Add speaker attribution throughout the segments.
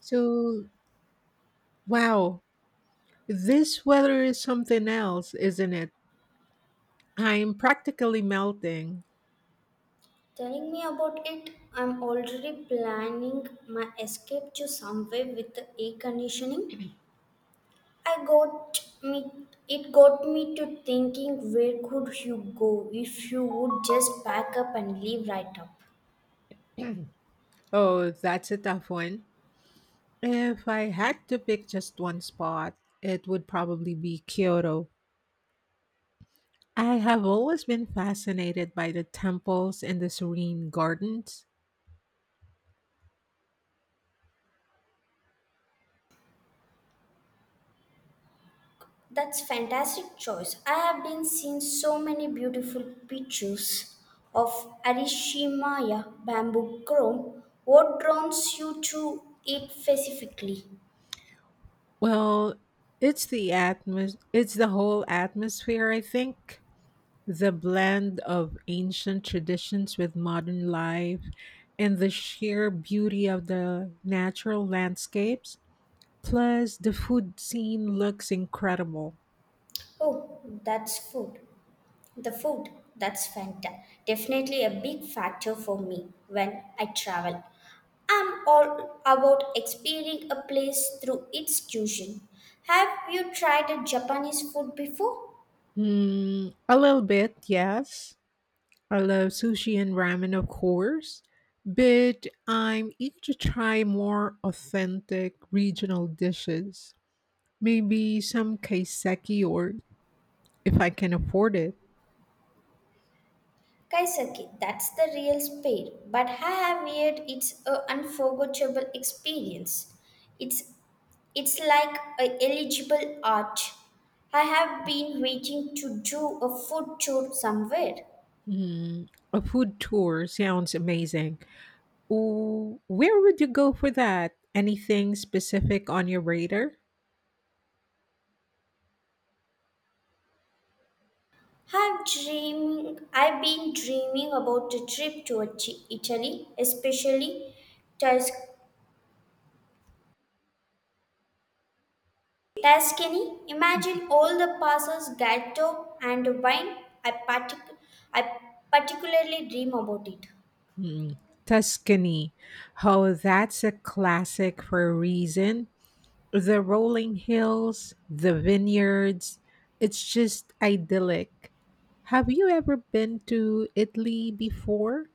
Speaker 1: So, wow, this weather is something else, isn't it? I'm practically melting.
Speaker 2: Telling me about it, I'm already planning my escape to somewhere with the air conditioning. I got me It got me to thinking where could you go if you would just pack up and leave right up.
Speaker 1: Oh, that's a tough one. If I had to pick just one spot, it would probably be Kyoto. I have always been fascinated by the temples and the serene gardens.
Speaker 2: That's fantastic choice. I have been seeing so many beautiful pictures of Arishimaya bamboo chrome. What draws you to it specifically?
Speaker 1: Well, it's the whole atmosphere, I think. The blend of ancient traditions with modern life and the sheer beauty of the natural landscapes, plus the food scene looks incredible.
Speaker 2: Oh, that's food. The food, that's fanta. Definitely a big factor for me when I travel. I'm all about experiencing a place through its cuisine. Have you tried a Japanese food before?
Speaker 1: A little bit, yes. I love sushi and ramen, of course, but I'm eager to try more authentic regional dishes. Maybe some kaiseki or if I can afford it.
Speaker 2: Kaiseki, that's the real spade, but I have heard it's an unforgettable experience. It's it's like a eligible art. I have been waiting to do a food tour somewhere.
Speaker 1: Hmm, a food tour sounds amazing. Ooh, where would you go for that? Anything specific on your radar?
Speaker 2: I've been dreaming about a trip to Italy, especially Tus- Tuscany. Imagine all the pastas, gatto, and wine. I partic- I particularly dream about it.
Speaker 1: Mm, Tuscany. Oh, that's a classic for a reason. The rolling hills, the vineyards, it's just idyllic. Have you ever been to Italy before?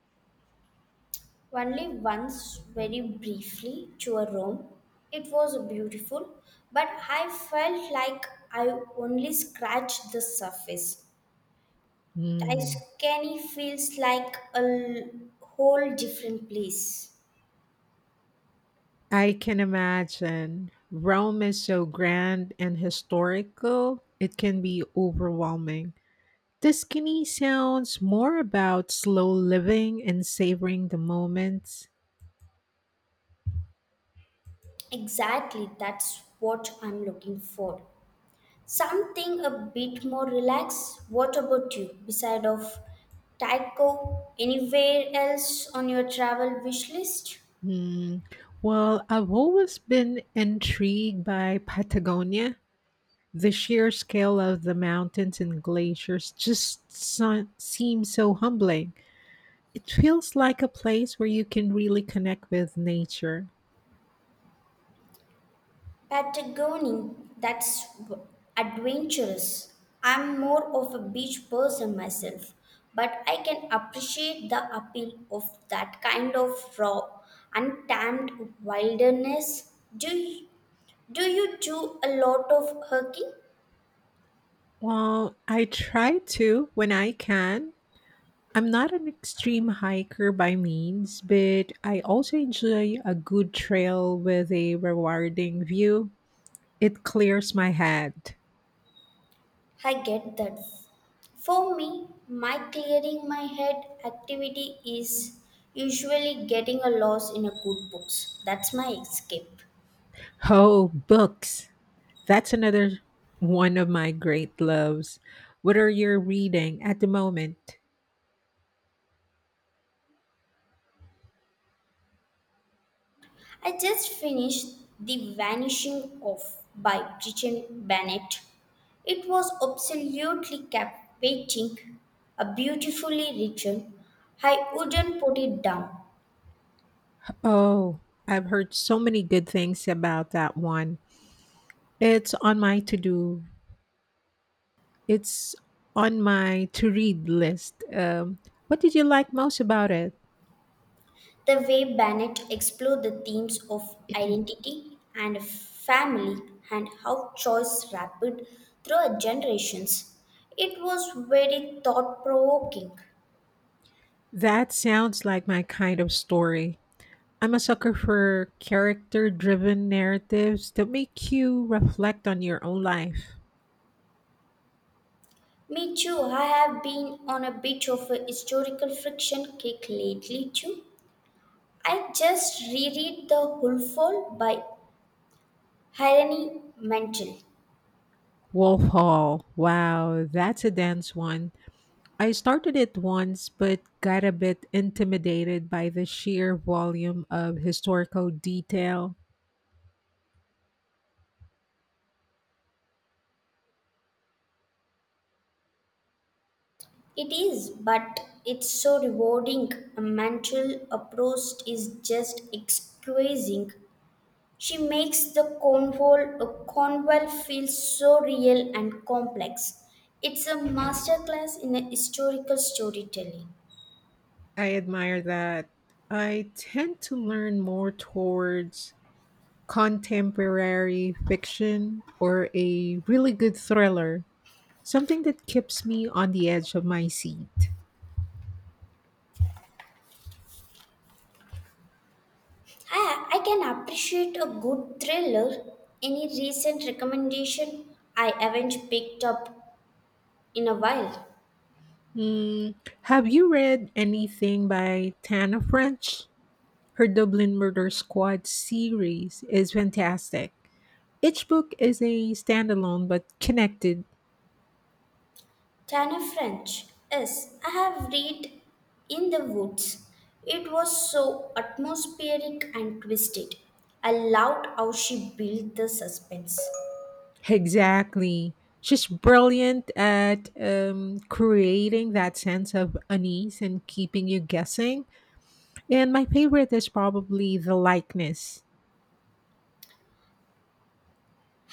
Speaker 2: Only once, very briefly, to a Rome. It was beautiful, but I felt like I only scratched the surface.
Speaker 1: Hmm.
Speaker 2: Tuscany feels like whole different place.
Speaker 1: I can imagine. Rome is so grand and historical, it can be overwhelming. Tuscany sounds more about slow living and savoring the moments.
Speaker 2: Exactly, that's what I'm looking for. Something a bit more relaxed. What about you? Beside of Taiko, anywhere else on your travel wish list?
Speaker 1: Hmm. Well, I've always been intrigued by Patagonia. The sheer scale of the mountains and glaciers seems so humbling. It feels like a place where you can really connect with nature.
Speaker 2: Patagonia, that's adventurous. I'm more of a beach person myself, but I can appreciate the appeal of that kind of raw, untamed wilderness. Do you do a lot of hiking?
Speaker 1: Well, I try to when I can. I'm not an extreme hiker by means, but I also enjoy a good trail with a rewarding view. It clears my head.
Speaker 2: I get that. For me, my clearing my head activity is usually getting a loss in a good books. That's my escape.
Speaker 1: Oh, books. That's another one of my great loves. What are you reading at the moment?
Speaker 2: I just finished The Vanishing of by Bridget Bennett. It was absolutely captivating, a beautifully written. I wouldn't put it down.
Speaker 1: Oh, I've heard so many good things about that one. It's on my to do It's on my to read list. What did you like most about it?
Speaker 2: The way Bennett explored the themes of identity and family and how choice rapid through generations. It was very thought provoking.
Speaker 1: That sounds like my kind of story. I'm a sucker for character driven narratives that make you reflect on your own life.
Speaker 2: Me too, I have been on a bit of a historical friction kick lately too. I just reread The Hulful by Irony Mantel.
Speaker 1: Wolf Hall. Wow, that's a dense one. I started it once but got a bit intimidated by the sheer volume of historical detail.
Speaker 2: It is, but it's so rewarding. A mantle approach is just exquisite. She makes the Cornwall, Cornwall feel so real and complex. It's a masterclass in a historical storytelling.
Speaker 1: I admire that. I tend to learn more towards contemporary fiction or a really good thriller, something that keeps me on the edge of my seat.
Speaker 2: I can appreciate a good thriller. Any recent recommendation I haven't picked up in a while?
Speaker 1: Mm, have you read anything by Tana French? Her Dublin Murder Squad series is fantastic. Each book is a standalone but connected.
Speaker 2: Tana French. Yes, I have read In the Woods. It was so atmospheric and twisted. I loved how she built the suspense.
Speaker 1: Exactly. She's brilliant at creating that sense of unease and keeping you guessing. And my favorite is probably the likeness.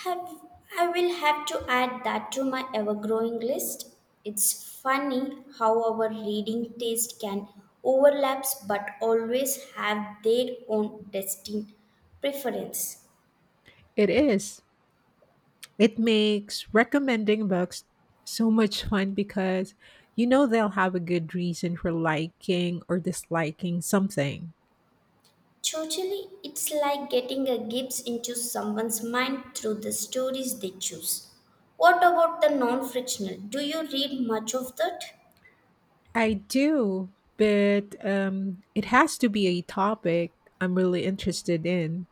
Speaker 2: Have, I will have to add that to my ever growing list. It's funny how our reading taste can overlaps, but always have their own distinct preference.
Speaker 1: It is. It makes recommending books so much fun because you know they'll have a good reason for liking or disliking something.
Speaker 2: Totally, it's like getting a glimpse into someone's mind through the stories they choose. What about the non fictional? Do you read much of that?
Speaker 1: I do, but it has to be a topic I'm really interested in.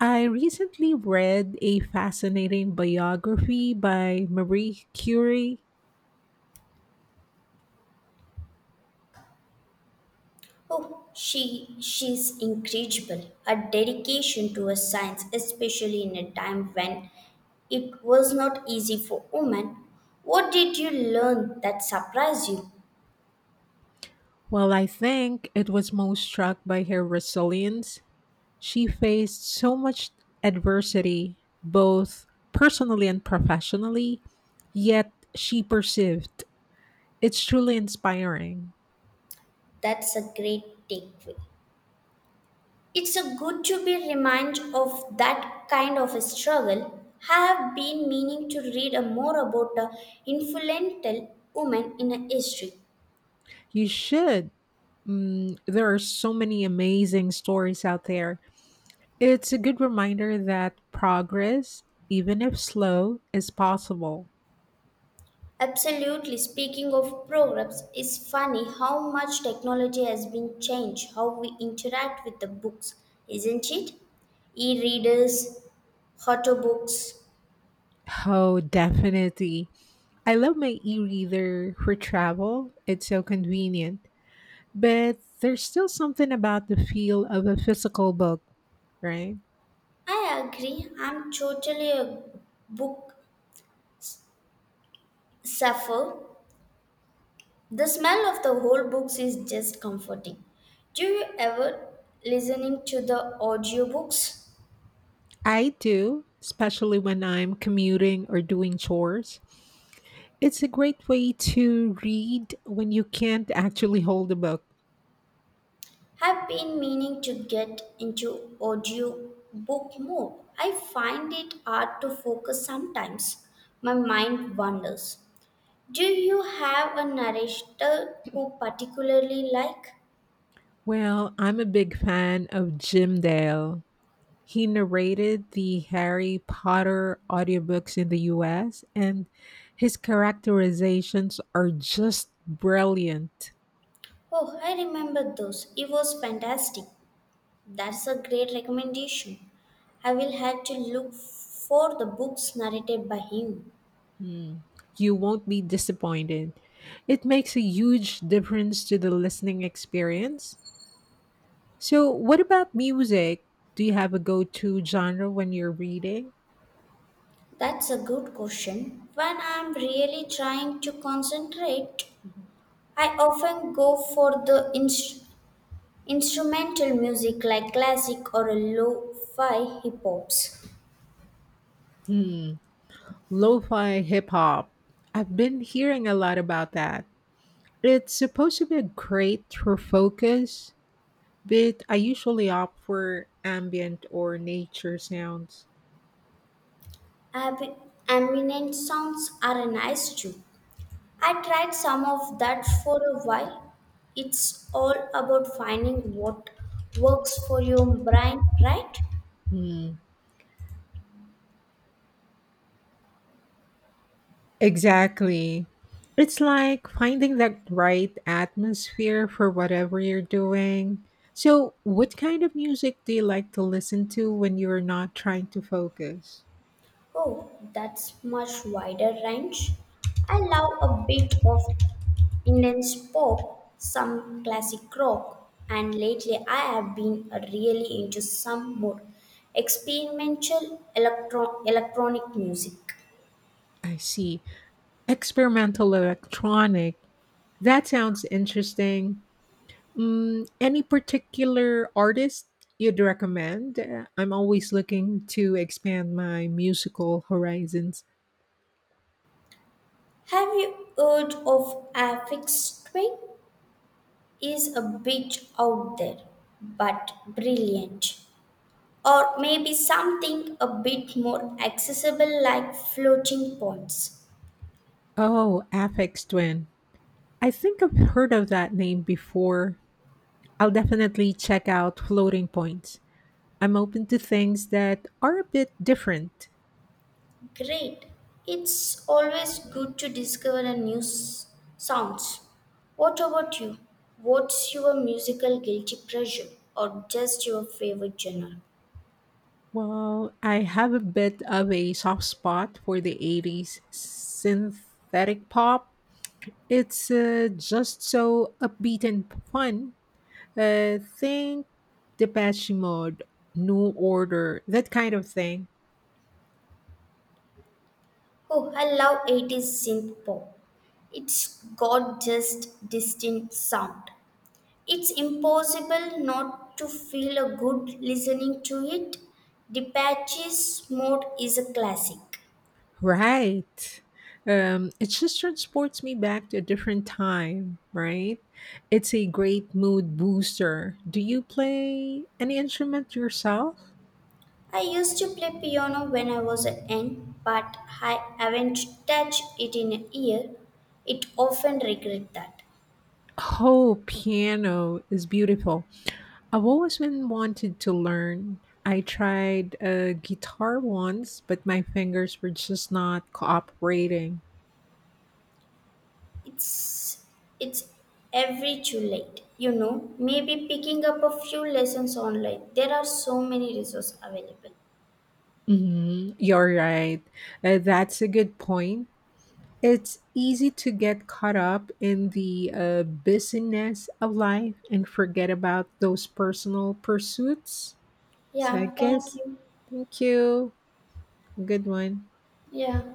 Speaker 1: I recently read a fascinating biography by Marie Curie.
Speaker 2: Oh, she's incredible. Her dedication to her science, especially in a time when it was not easy for women. What did you learn that surprised you?
Speaker 1: Well, I think it was most struck by her resilience. She faced so much adversity, both personally and professionally, yet she persevered. It's truly inspiring.
Speaker 2: That's a great takeaway. It's a good to be reminded of that kind of a struggle. I have been meaning to read a more about a influential woman in a history.
Speaker 1: You should. There are so many amazing stories out there. It's a good reminder that progress, even if slow, is possible.
Speaker 2: Absolutely. Speaking of programs, it's funny how much technology has been changed, how we interact with the books, isn't it? E readers, auto books.
Speaker 1: Oh, definitely. I love my e reader for travel. It's so convenient. But there's still something about the feel of a physical book, right?
Speaker 2: I agree. I'm totally a book suffer. The smell of the whole books is just comforting. Do you ever listening to the audiobooks?
Speaker 1: I do, especially when I'm commuting or doing chores. It's a great way to read when you can't actually hold a book.
Speaker 2: Have been meaning to get into audiobook mode. I find it hard to focus sometimes. My mind wanders. Do you have a narrator who particularly like?
Speaker 1: Well, I'm a big fan of Jim Dale. He narrated the Harry Potter audiobooks in the US, and his characterizations are just brilliant.
Speaker 2: Oh, I remember those. It was fantastic. That's a great recommendation. I will have to look for the books narrated by him.
Speaker 1: Hmm, You won't be disappointed. It makes a huge difference to the listening experience. So, what about music? Do you have a go to genre when you're reading?
Speaker 2: That's a good question. When I'm really trying to concentrate, I often go for the instrumental music like classic or lo fi hip hops.
Speaker 1: Hmm. Lo fi hip hop. I've been hearing a lot about that. It's supposed to be great for focus, but I usually opt for ambient or nature sounds.
Speaker 2: Ab- ambient sounds are nice too. I tried some of that for a while. It's all about finding what works for your brain, right?
Speaker 1: Hmm. Exactly. It's like finding that right atmosphere for whatever you're doing. So, what kind of music do you like to listen to when you're not trying to focus?
Speaker 2: Oh, that's much wider range. I love a bit of Indians pop, some classic rock, and lately I have been really into some more experimental electronic music.
Speaker 1: I see. Experimental electronic. That sounds interesting. Any particular artist you'd recommend? I'm always looking to expand my musical horizons.
Speaker 2: Have you heard of Aphex Twin? Is a bit out there, but brilliant. Or maybe something a bit more accessible like floating points.
Speaker 1: Oh, Aphex Twin. I think I've heard of that name before. I'll definitely check out floating points. I'm open to things that are a bit different.
Speaker 2: Great. It's always good to discover a sounds. What about you? What's your musical guilty pleasure or just your favorite genre?
Speaker 1: Well, I have a bit of a soft spot for the 80s synthetic pop. It's just so upbeat and fun. Think Depeche Mode, New Order, that kind of thing.
Speaker 2: Oh, I love 80s synth pop. It's got just distinct sound. It's impossible not to feel a good listening to it. The Patches mode is a classic.
Speaker 1: Right. It just transports me back to a different time, right? It's a great mood booster. Do you play any instrument yourself?
Speaker 2: I used to play piano when I was a young, but I haven't touched it in a year. It often regret that.
Speaker 1: Oh, piano is beautiful. I've always been wanted to learn. I tried a guitar once, but my fingers were just not cooperating.
Speaker 2: It's it's every too late, you know. Maybe picking up a few lessons online. There are so many resources available.
Speaker 1: You're right. That's a good point. It's easy to get caught up in the busyness of life and forget about those personal pursuits. So I
Speaker 2: Yeah, thank
Speaker 1: guess,
Speaker 2: you.
Speaker 1: thank you. Good one.
Speaker 2: Yeah.